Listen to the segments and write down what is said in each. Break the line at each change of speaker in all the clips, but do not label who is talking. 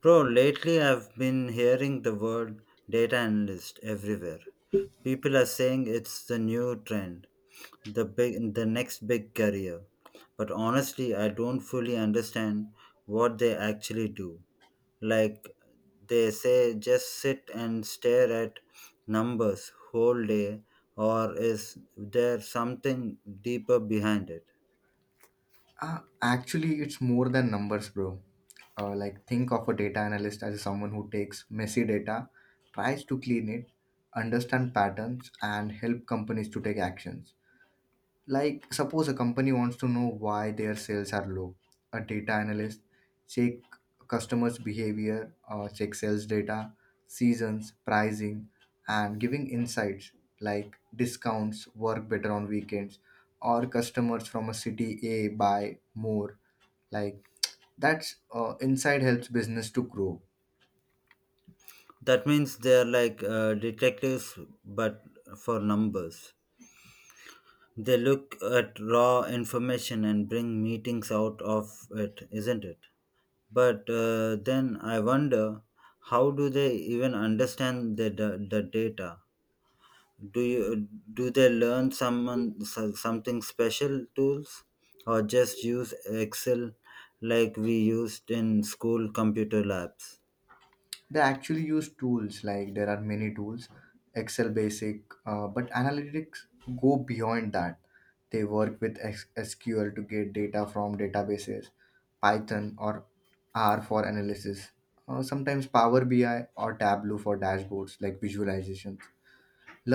Bro, lately I've been hearing the word data analyst everywhere. People are saying it's the new trend, the next big career. But honestly, I don't fully understand what they actually do. Like they say just sit and stare at numbers whole day, or is there something deeper behind it?
Actually, it's more than numbers, bro. Think of a data analyst as someone who takes messy data, tries to clean it, understand patterns, and help companies to take actions. Like, suppose a company wants to know why their sales are low. A data analyst check customers' behavior, check sales data, seasons, pricing, and giving insights like discounts work better on weekends or customers from a city A buy more like that's inside helps business to grow.
That means they're like detectives but for numbers. They look at raw information and bring meetings out of it, isn't it? But then I wonder, how do they even understand the data? Do they learn something special tools, or just use Excel like we used in school computer labs?
They actually use tools. Like there are many tools, excel basic, but analytics go beyond that. They work with sql to get data from databases, python or r for analysis, sometimes power bi or tableau for dashboards like visualizations.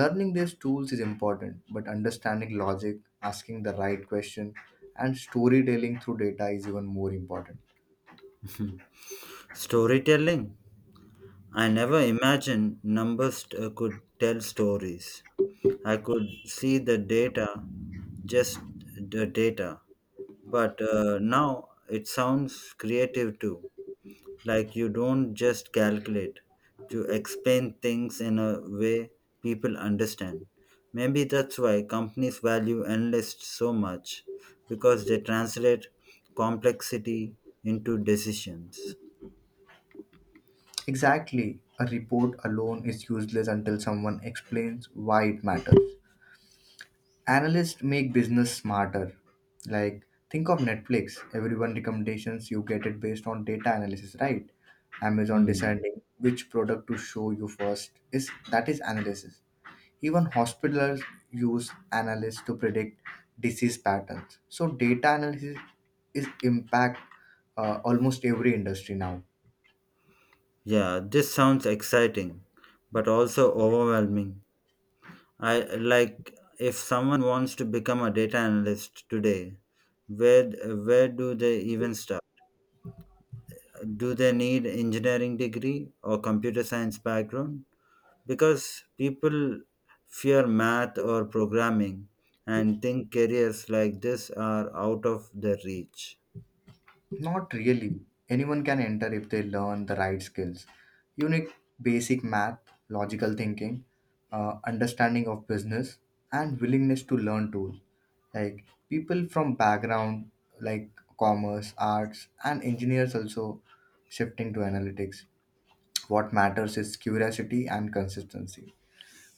Learning these tools is important, but understanding logic, asking the right question, and storytelling through data is even more important.
Storytelling. I never imagined numbers could tell stories. I could see the data, just the data. But now it sounds creative too. Like you don't just calculate, you explain things in a way people understand. Maybe that's why companies value analysts so much, because they translate complexity into decisions.
Exactly. A report alone is useless until someone explains why it matters. Analysts make business smarter. Like, think of Netflix. Everyone recommendations you get it based on data analysis, right? Amazon
Hmm.
deciding which product to show you first is that is analysis. Even hospitals use analysts to predict disease patterns. So data analysis is impact almost every industry now.
Yeah, this sounds exciting, but also overwhelming. I like if someone wants to become a data analyst today, where where do they even start? Do they need engineering degree or computer science background? Because people fear math or programming and think careers like this are out of their reach.
Not really. Anyone can enter if they learn the right skills. You need basic math, logical thinking, understanding of business, and willingness to learn tools. Like people from background like commerce, arts, and engineers also shifting to analytics. What matters is curiosity and consistency.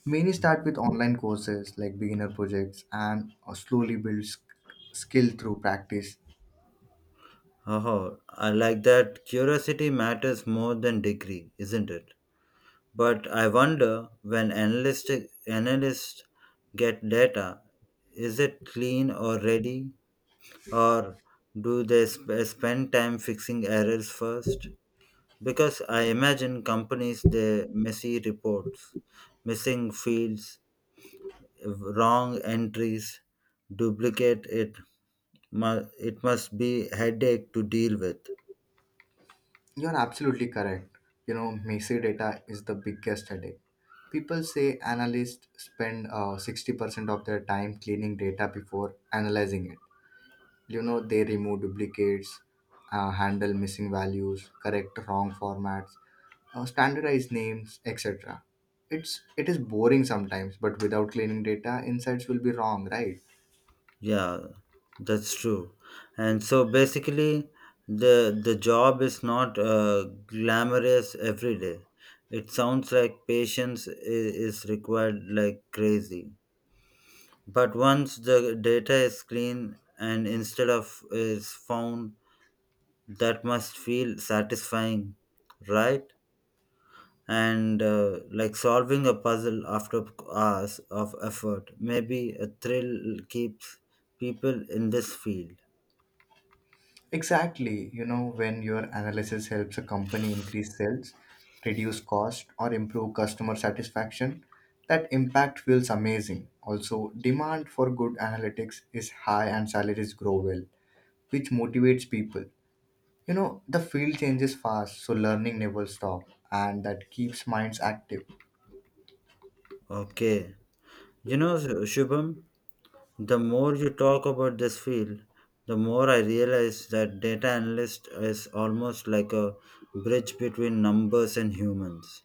Many start with online courses like beginner projects and slowly build skill through practice.
Oh, I like that curiosity matters more than degree, isn't it? But I wonder when analysts get data, is it clean or ready, or do they spend time fixing errors first? Because I imagine companies they messy reports, missing fields, wrong entries, duplicate it. It must be headache to deal with.
You're absolutely correct. You know, messy data is the biggest headache. People say analysts spend 60% of their time cleaning data before analyzing it. You know, they remove duplicates, handle missing values, correct wrong formats, standardize names, etc. It is boring sometimes, but without cleaning data, insights will be wrong, right?
Yeah, that's true. And so basically, the job is not glamorous every day. It sounds like patience is required like crazy. But once the data is clean and instead of is found, that must feel satisfying, right? And like solving a puzzle after hours of effort, maybe a thrill keeps people in this field.
Exactly. You know, when your analysis helps a company increase sales, reduce cost, or improve customer satisfaction, that impact feels amazing. Also, demand for good analytics is high and salaries grow well, which motivates people. You know, the field changes fast, so learning never stops, and that keeps minds active.
Okay. You know, Shubham, the more you talk about this field, the more I realize that data analyst is almost like a bridge between numbers and humans.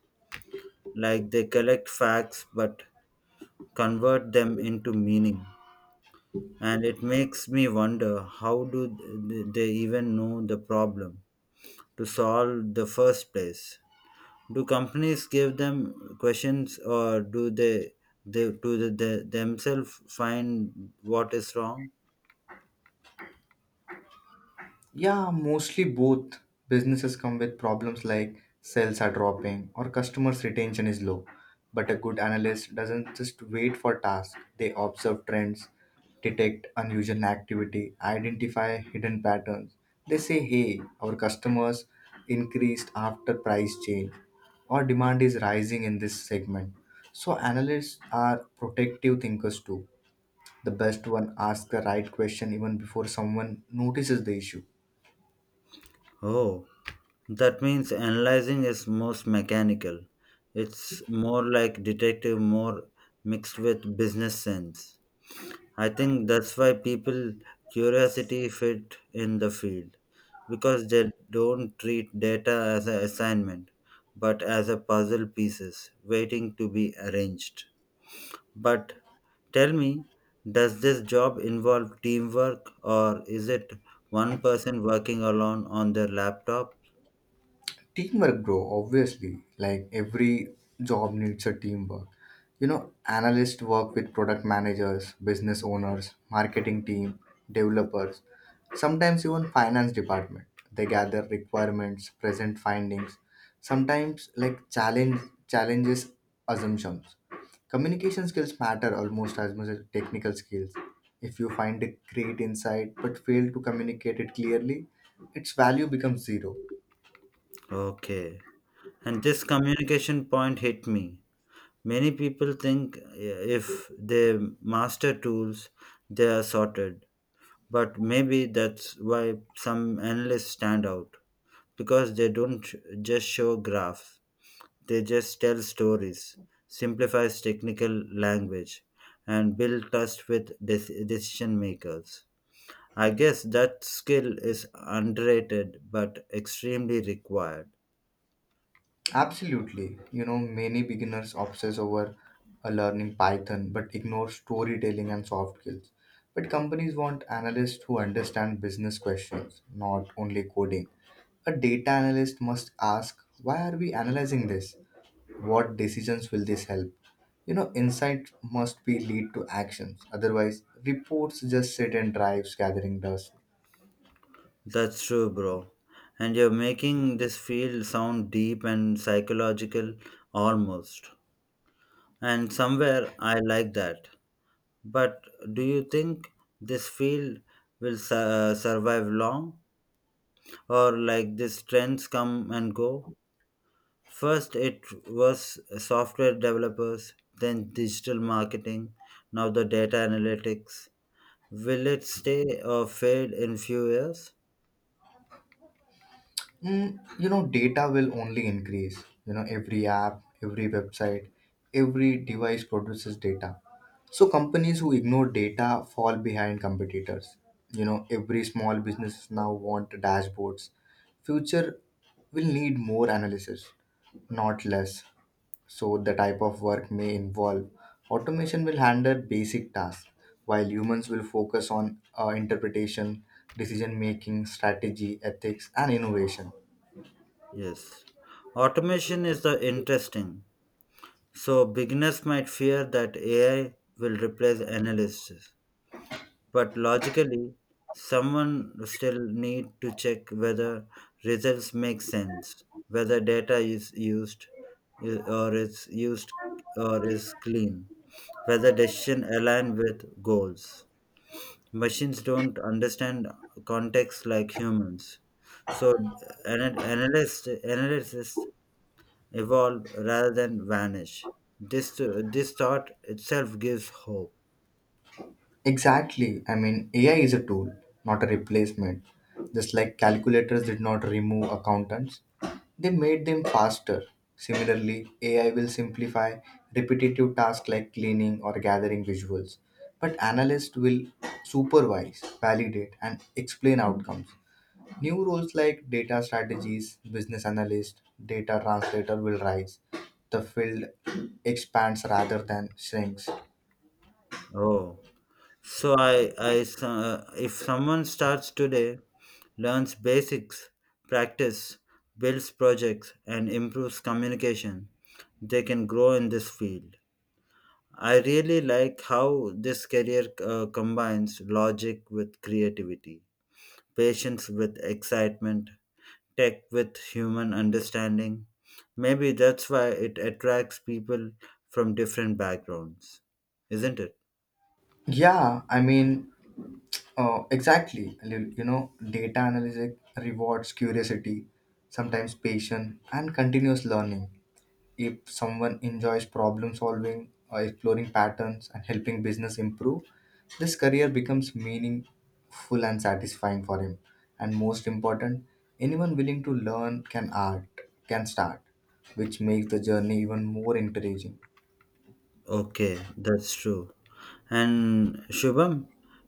Like they collect facts but convert them into meaning. And it makes me wonder, how do they even know the problem to solve the first place? Do companies give them questions, or do they themselves find what is wrong?
Yeah, mostly both. Businesses come with problems like sales are dropping or customers' retention is low. But a good analyst doesn't just wait for tasks, they observe trends, detect unusual activity, identify hidden patterns. They say, hey, our customers increased after price change or demand is rising in this segment. So, analysts are protective thinkers too. The best one asks the right question even before someone notices the issue.
Oh, that means analyzing is most mechanical. It's more like detective, more mixed with business sense. I think that's why people curiosity fit in the field, because they don't treat data as an assignment but as a puzzle pieces waiting to be arranged. But tell me, does this job involve teamwork, or is it one person working alone on their laptop?
Teamwork, bro, obviously. Like every job needs a teamwork. You know, analysts work with product managers, business owners, marketing team, developers, sometimes even finance department. They gather requirements, present findings, sometimes like challenge challenges assumptions. Communication skills matter almost as much as technical skills. If you find a great insight but fail to communicate it clearly, its value becomes zero.
Okay. And this communication point hit me. Many people think if they master tools, they are sorted. But maybe that's why some analysts stand out, because they don't just show graphs. They just tell stories, simplifies technical language, and build trust with decision makers. I guess that skill is underrated but extremely required.
Absolutely. You know, many beginners obsess over learning Python but ignore storytelling and soft skills. But companies want analysts who understand business questions, not only coding. A data analyst must ask, why are we analyzing this? What decisions will this help? You know, insight must be lead to actions. Otherwise, reports just sit and drives gathering dust.
That's true, bro. And you're making this field sound deep and psychological almost. And somewhere I like that. But do you think this field will survive long? Or like these trends come and go? First, it was software developers, then digital marketing, now the data analytics. Will it stay or fade in few years?
You know, data will only increase. You know, every app, every website, every device produces data. So companies who ignore data fall behind competitors. You know, every small business now want dashboards. Future will need more analysis, not less. So the type of work may involve automation will handle basic tasks, while humans will focus on interpretation, decision making, strategy, ethics, and innovation.
Yes. Automation is the interesting. So beginners might fear that AI will replace analysts, but logically, someone still need to check whether results make sense, whether data is used i- or is used or is clean, whether decisions align with goals. Machines don't understand context like humans. So analysts evolve rather than vanish. This, this thought itself gives hope.
Exactly. I mean, AI is a tool, not a replacement. Just like calculators did not remove accountants, they made them faster. Similarly, AI will simplify repetitive tasks like cleaning or gathering visuals, but analysts will supervise, validate, and explain outcomes. New roles like data strategies, business analyst, data translator will rise. The field expands rather than shrinks.
Oh, so if someone starts today, learns basics, practice, builds projects, and improves communication, they can grow in this field. I really like how this career combines logic with creativity, patience with excitement, tech with human understanding. Maybe that's why it attracts people from different backgrounds, isn't it?
Yeah, I mean, exactly. You know, data analysis rewards curiosity, sometimes patience, and continuous learning. If someone enjoys problem solving, exploring patterns, and helping business improve, this career becomes meaningful and satisfying for him. And most important, anyone willing to learn can start, which makes the journey even more encouraging.
Okay, that's true. And Shubham,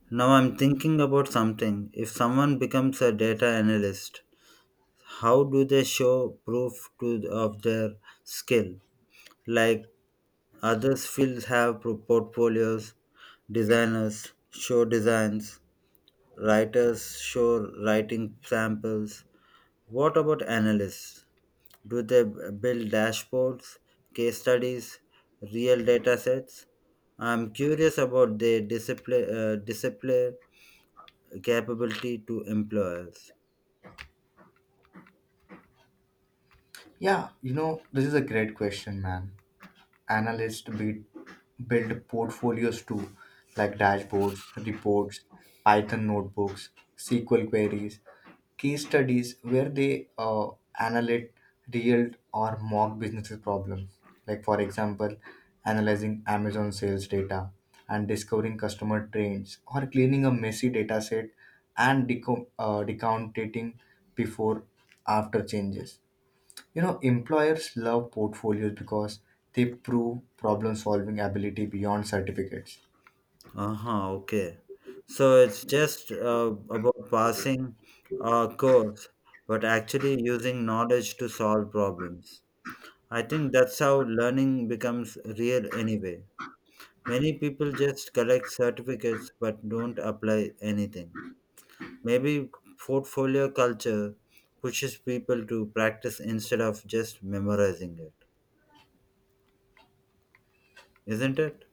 now I'm thinking about something. If someone becomes a data analyst, how do they show proof to, of their skill? Like others fields have portfolios, designers show designs, writers show writing samples. What about analysts? Do they build dashboards, case studies, real data sets? I'm curious about their display capability to employers.
Yeah, you know, this is a great question, man. Analysts build portfolios too, like dashboards, reports, Python notebooks, SQL queries, case studies where they analyze real or mock businesses problems. Like, for example, analyzing Amazon sales data and discovering customer trends, or cleaning a messy data set and decantating before after changes. You know, employers love portfolios because they prove problem solving ability beyond certificates.
Uh-huh, okay. So it's just about passing a course, but actually using knowledge to solve problems. I think that's how learning becomes real anyway. Many people just collect certificates but don't apply anything. Maybe portfolio culture pushes people to practice instead of just memorizing it, isn't it?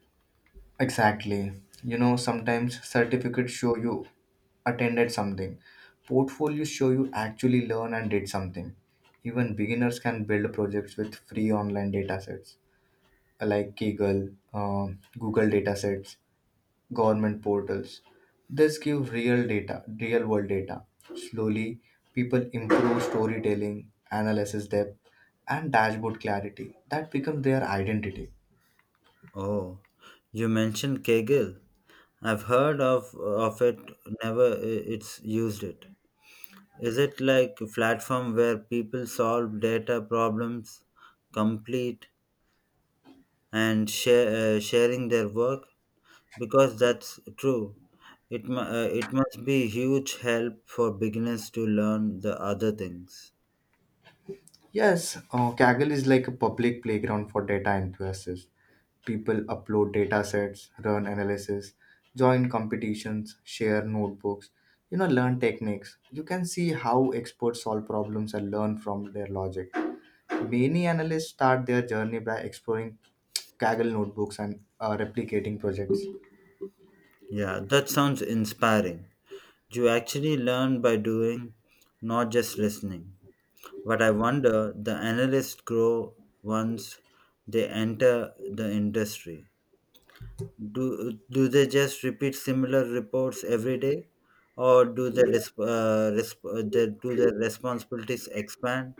Exactly. You know, sometimes certificates show you attended something, portfolios show you actually learn and did something. Even beginners can build projects with free online datasets like Kaggle, Google datasets, government portals. This give real data, real world data. Slowly, people improve storytelling, analysis depth, and dashboard clarity. That become their identity.
Oh, you mentioned Kegel. I've heard of it, never it's used it. Is it like a platform where people solve data problems, complete and share, sharing their work? Because that's true. It it must be huge help for beginners to learn the other things.
Yes, Kaggle is like a public playground for data enthusiasts. People upload data sets, run analysis, join competitions, share notebooks, you know, learn techniques. You can see how experts solve problems and learn from their logic. Many analysts start their journey by exploring Kaggle notebooks and replicating projects.
Yeah, that sounds inspiring. You actually learn by doing, not just listening. But I wonder the analysts grow once they enter the industry. Do they just repeat similar reports every day, or do their do their responsibilities expand?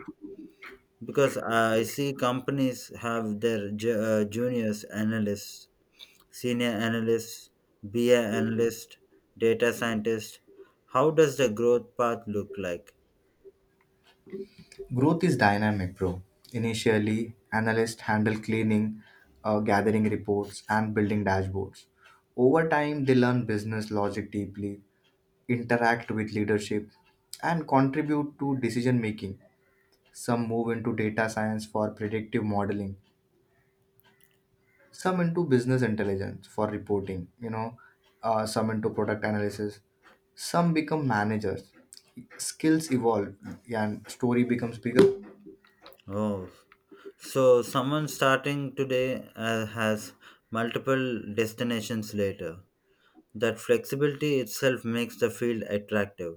Because I see companies have their juniors analysts, senior analysts, BI analyst, data scientist. How does the growth path look like?
Growth is dynamic, bro. Initially, analysts handle cleaning, gathering reports, and building dashboards. Over time, they learn business logic deeply, interact with leadership, and contribute to decision making. Some move into data science for predictive modeling, some into business intelligence for reporting, you know, some into product analysis, some become managers. Skills evolve and story becomes bigger.
Oh, so someone starting today has multiple destinations later. That flexibility itself makes the field attractive.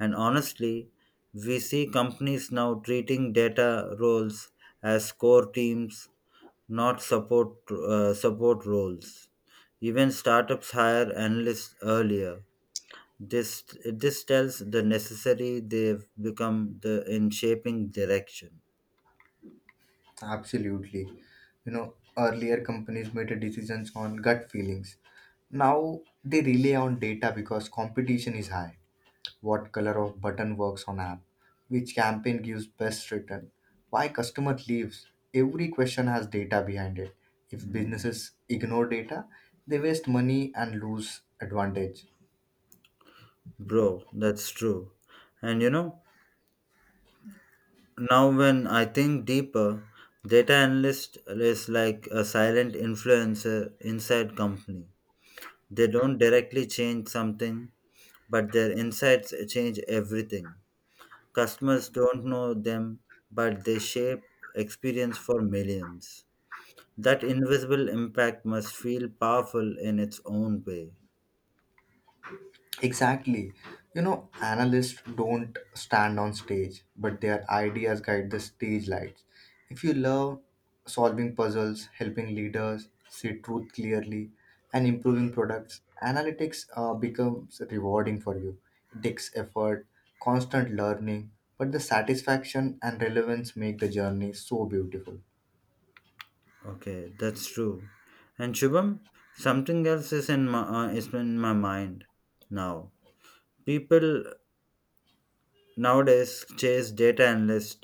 And honestly, we see companies now treating data roles as core teams, not support roles. Even startups hire analysts earlier. This tells the necessary they've become the in shaping direction.
Absolutely. You know, earlier companies made a decisions on gut feelings, now they rely on data because competition is high. What color of button works on app, which campaign gives best return, why customer leaves. Every question has data behind it. If
Mm.
businesses ignore data, they waste money and lose advantage.
Bro, that's true. And you know, now when I think deeper, data analyst is like a silent influencer inside company. They don't directly change something, but their insights change everything. Customers don't know them, but they shape experience for millions. That invisible impact must feel powerful in its own way.
Exactly. You know, analysts don't stand on stage, but their ideas guide the stage lights. If you love solving puzzles, helping leaders see truth clearly, and improving products, analytics becomes rewarding for you. It takes effort, constant learning, but the satisfaction and relevance make the journey so beautiful.
Okay, that's true. And Shubham, something else is in my mind now. People nowadays chase data analyst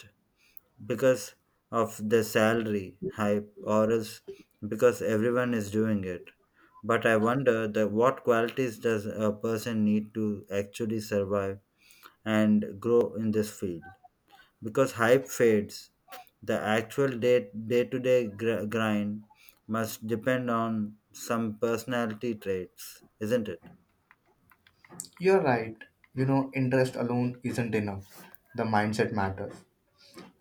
because of the salary hype, or is because everyone is doing it. But I wonder that what qualities does a person need to actually survive and grow in this field? Because hype fades. The actual day to day grind must depend on some personality traits, isn't it?
You're right. You know, interest alone isn't enough. The mindset matters.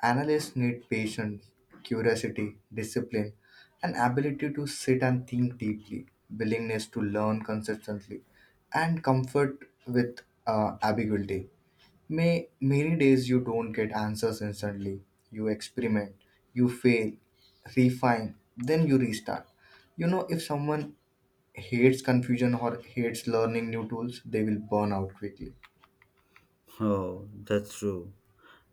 Analysts need patience, curiosity, discipline, an ability to sit and think deeply, willingness to learn consistently, and comfort with ambiguity. May many days you don't get answers instantly. You experiment, you fail, refine, then you restart. You know, if someone hates confusion or hates learning new tools, they will burn out quickly.
Oh, that's true.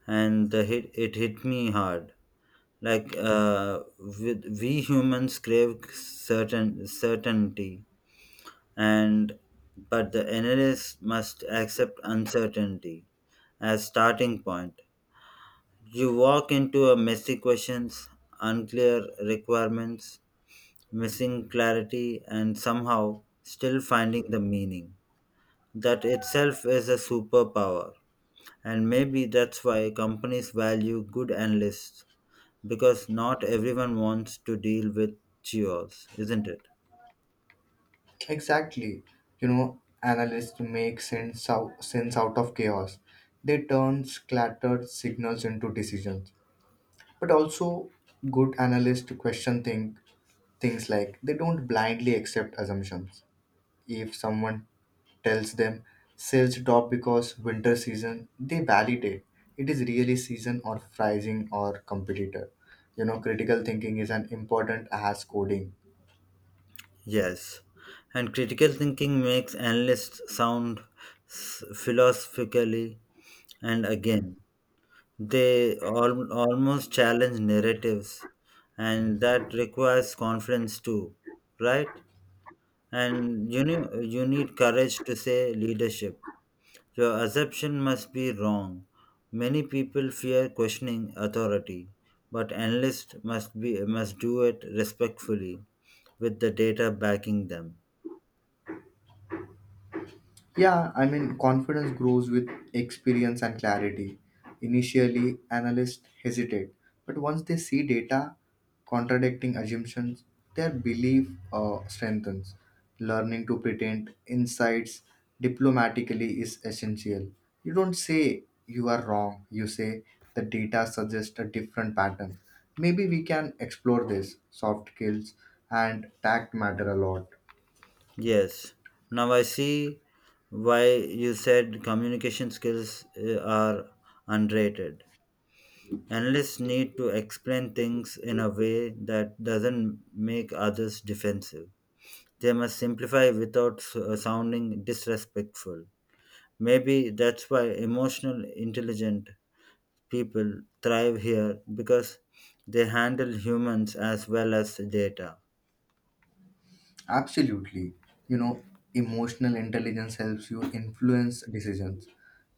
And the hit, it hit me hard. Like we humans crave certain certainty, and but the analyst must accept uncertainty as starting point. You walk into a messy questions, unclear requirements, missing clarity, and somehow still finding the meaning. That itself is a superpower. And maybe that's why companies value good analysts, because not everyone wants to deal with chores, isn't it?
Exactly. You know, analysts sense out of chaos. They turn scattered signals into decisions. But also, good analysts question think, things like they don't blindly accept assumptions. If someone tells them sales drop because winter season, they validate it is really season or pricing or competitor. You know, critical thinking is an important as coding.
Yes. And critical thinking makes analysts sound philosophically, and again, they almost challenge narratives, and that requires confidence too, right? And you need courage to say leadership. Your assumption must be wrong. Many people fear questioning authority, but analysts must do it respectfully with the data backing them.
Confidence grows with experience and clarity. Initially, analysts hesitate, but once they see data contradicting assumptions, their belief strengthens. Learning to pretend insights diplomatically is essential. You don't say you are wrong, you say the data suggests a different pattern. Maybe we can explore this. Soft skills and tact matter a lot.
Yes. Now I see why you said communication skills are underrated. Analysts need to explain things in a way that doesn't make others defensive. They must simplify without sounding disrespectful. Maybe that's why emotional intelligent people thrive here, because they handle humans as well as data.
Absolutely. You know, emotional intelligence helps you influence decisions.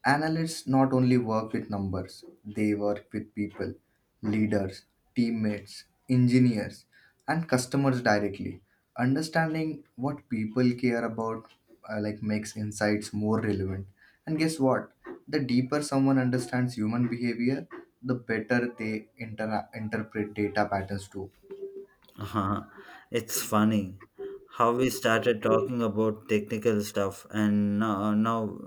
Analysts not only work with numbers, they work with people, leaders, teammates, engineers, and customers directly. Understanding what people care about makes insights more relevant. And guess what? The deeper someone understands human behavior, the better they interpret data patterns too.
Uh-huh. It's funny how we started talking about technical stuff and now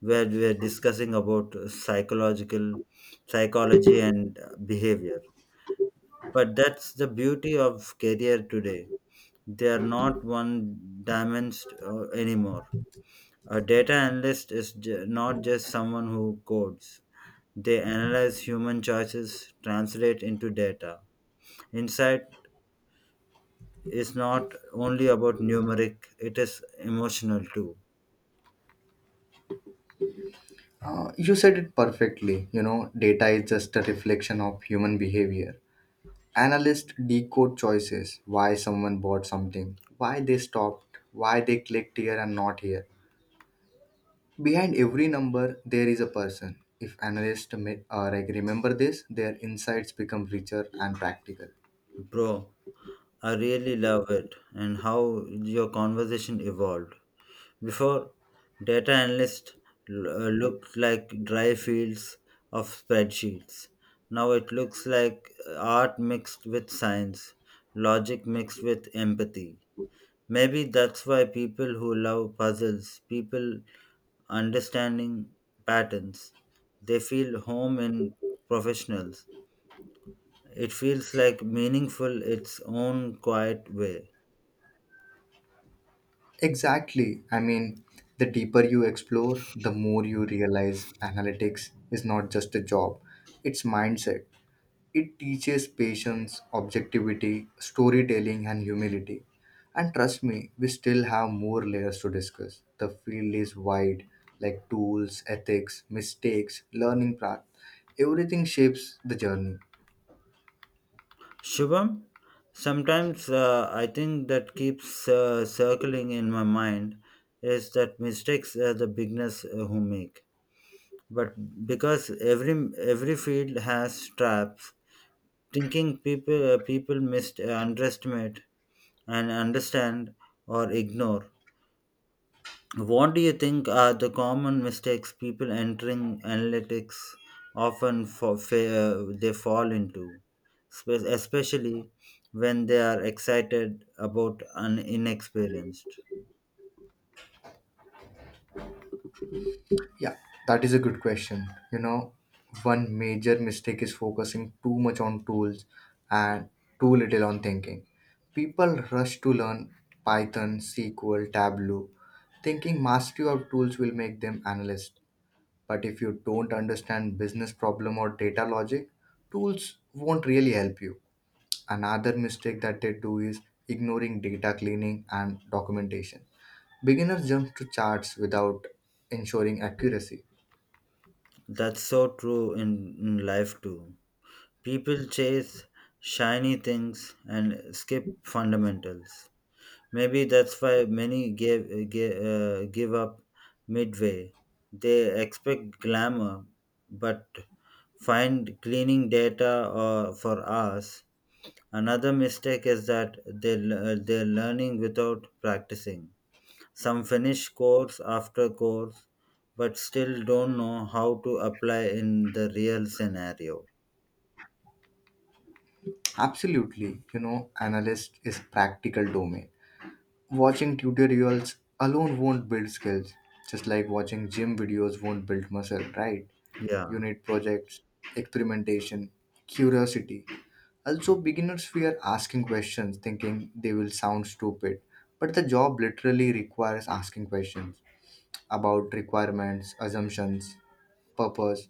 where we're discussing about psychological psychology and behavior. But that's the beauty of career today. They are not one dimensional anymore. A data analyst is not just someone who codes. They analyze human choices, translate into data. Insight is not only about numeric, it is emotional too.
You said it perfectly. You know, data is just a reflection of human behavior. Analysts decode choices why someone bought something, why they stopped, why they clicked here and not here. Behind every number, there is a person. If analysts may, remember this, their insights become richer and practical.
Bro, I really love it and how your conversation evolved. Before, data analysts looked like dry fields of spreadsheets. Now it looks like art mixed with science, logic mixed with empathy. Maybe that's why people who love puzzles, people understanding patterns, they feel home in professionals. It feels like meaningful its own quiet way.
Exactly. I mean, the deeper you explore, the more you realize analytics is not just a job, it's mindset. It teaches patience, objectivity, storytelling, and humility. And trust me, we still have more layers to discuss. The field is wide, like tools, ethics, mistakes, learning path. Everything shapes the journey.
Shubham, sometimes I think that keeps circling in my mind is that mistakes are the beginners who make. But because every field has traps, thinking people people underestimate and understand or ignore what do you think are the common mistakes people entering analytics often they fall into, especially when they are excited about an inexperienced?
Yeah, that is a good question. You know, one major mistake is focusing too much on tools and too little on thinking. People rush to learn Python, SQL, Tableau, thinking mastery of tools will make them analysts. But if you don't understand business problem or data logic, tools won't really help you. Another mistake that they do is ignoring data cleaning and documentation. Beginners jump to charts without ensuring accuracy.
That's so true in life too. People chase shiny things and skip fundamentals. Maybe that's why many give up midway. They expect glamour, but find cleaning data for us. Another mistake is that they, they're learning without practicing. Some finish course after course, but still don't know how to apply in the real scenario.
Absolutely. You know, analyst is practical domain. Watching tutorials alone won't build skills, just like watching gym videos won't build muscle, right? You
Yeah,
need projects, experimentation, curiosity. Also, beginners fear asking questions, thinking they will sound stupid. But the job literally requires asking questions about requirements, assumptions, purpose.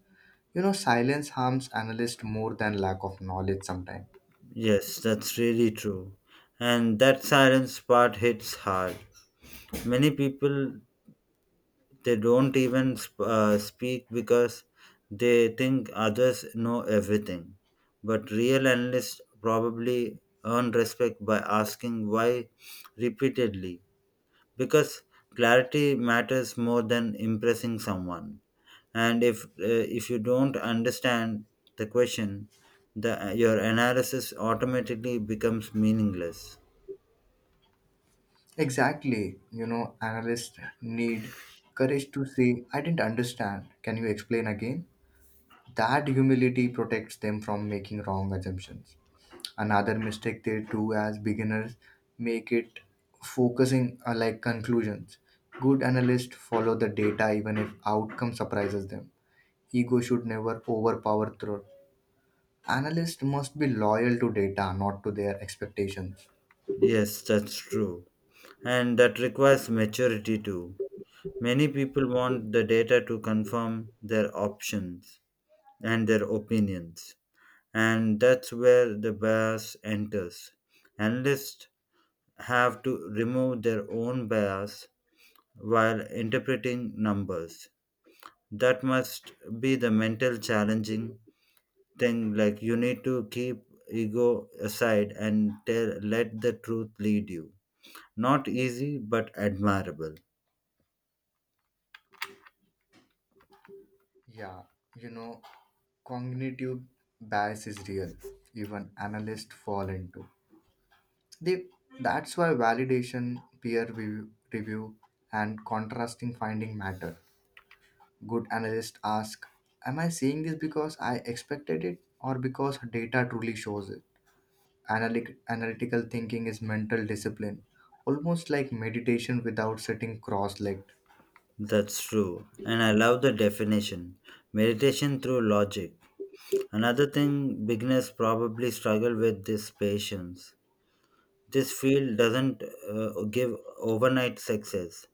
You know, silence harms analyst more than lack of knowledge sometimes.
yes, that's really true. And that silence part hits hard. Many people they don't even speak because they think others know everything. But real analysts probably earn respect by asking why repeatedly, because clarity matters more than impressing someone. And if you don't understand the question, the your analysis automatically becomes meaningless.
Exactly. You know, analysts need courage to say, I didn't understand. Can you explain again? That humility protects them from making wrong assumptions. Another mistake they do as beginners make it focusing on like conclusions. Good analysts follow the data even if outcome surprises them. Ego should never overpower truth. Analysts must be loyal to data, not to their expectations.
Yes, that's true. And that requires maturity too. Many people want the data to confirm their options and their opinions, and that's where the bias enters. Analysts have to remove their own bias while interpreting numbers. That must be the mental challenging thing, like you need to keep ego aside and tell, let the truth lead you. Not easy but admirable.
Yeah, you know, cognitive bias is real. Even analysts fall into. They that's why validation, peer review, review and contrasting finding matter. Good analysts ask, am I seeing this because I expected it or because data truly shows it? Analytical thinking is mental discipline, almost like meditation without sitting cross-legged.
That's true, and I love the definition meditation through logic. Another thing beginners probably struggle with is patience. This field doesn't give overnight success.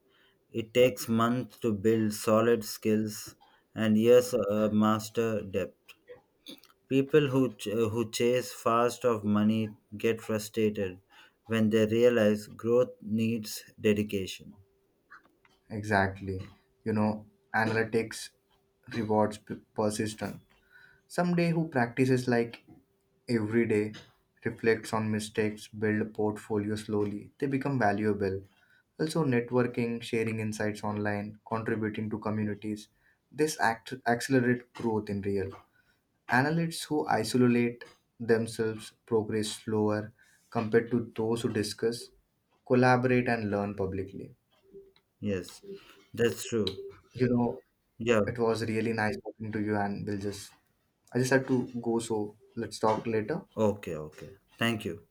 It takes months to build solid skills and years master depth. People who who chase fast of money get frustrated when they realize growth needs dedication.
Exactly. You know, analytics rewards persistence. Someday who practices like every day, reflects on mistakes, build a portfolio slowly, they become valuable. Also, networking, sharing insights online, contributing to communities, this accelerate growth in real. Analysts who isolate themselves progress slower compared to those who discuss, collaborate, and learn publicly.
Yes, that's true.
You know,
Yeah,
it was really nice talking to you, and we'll just I just had to go, so let's talk later.
okay, okay. Thank you.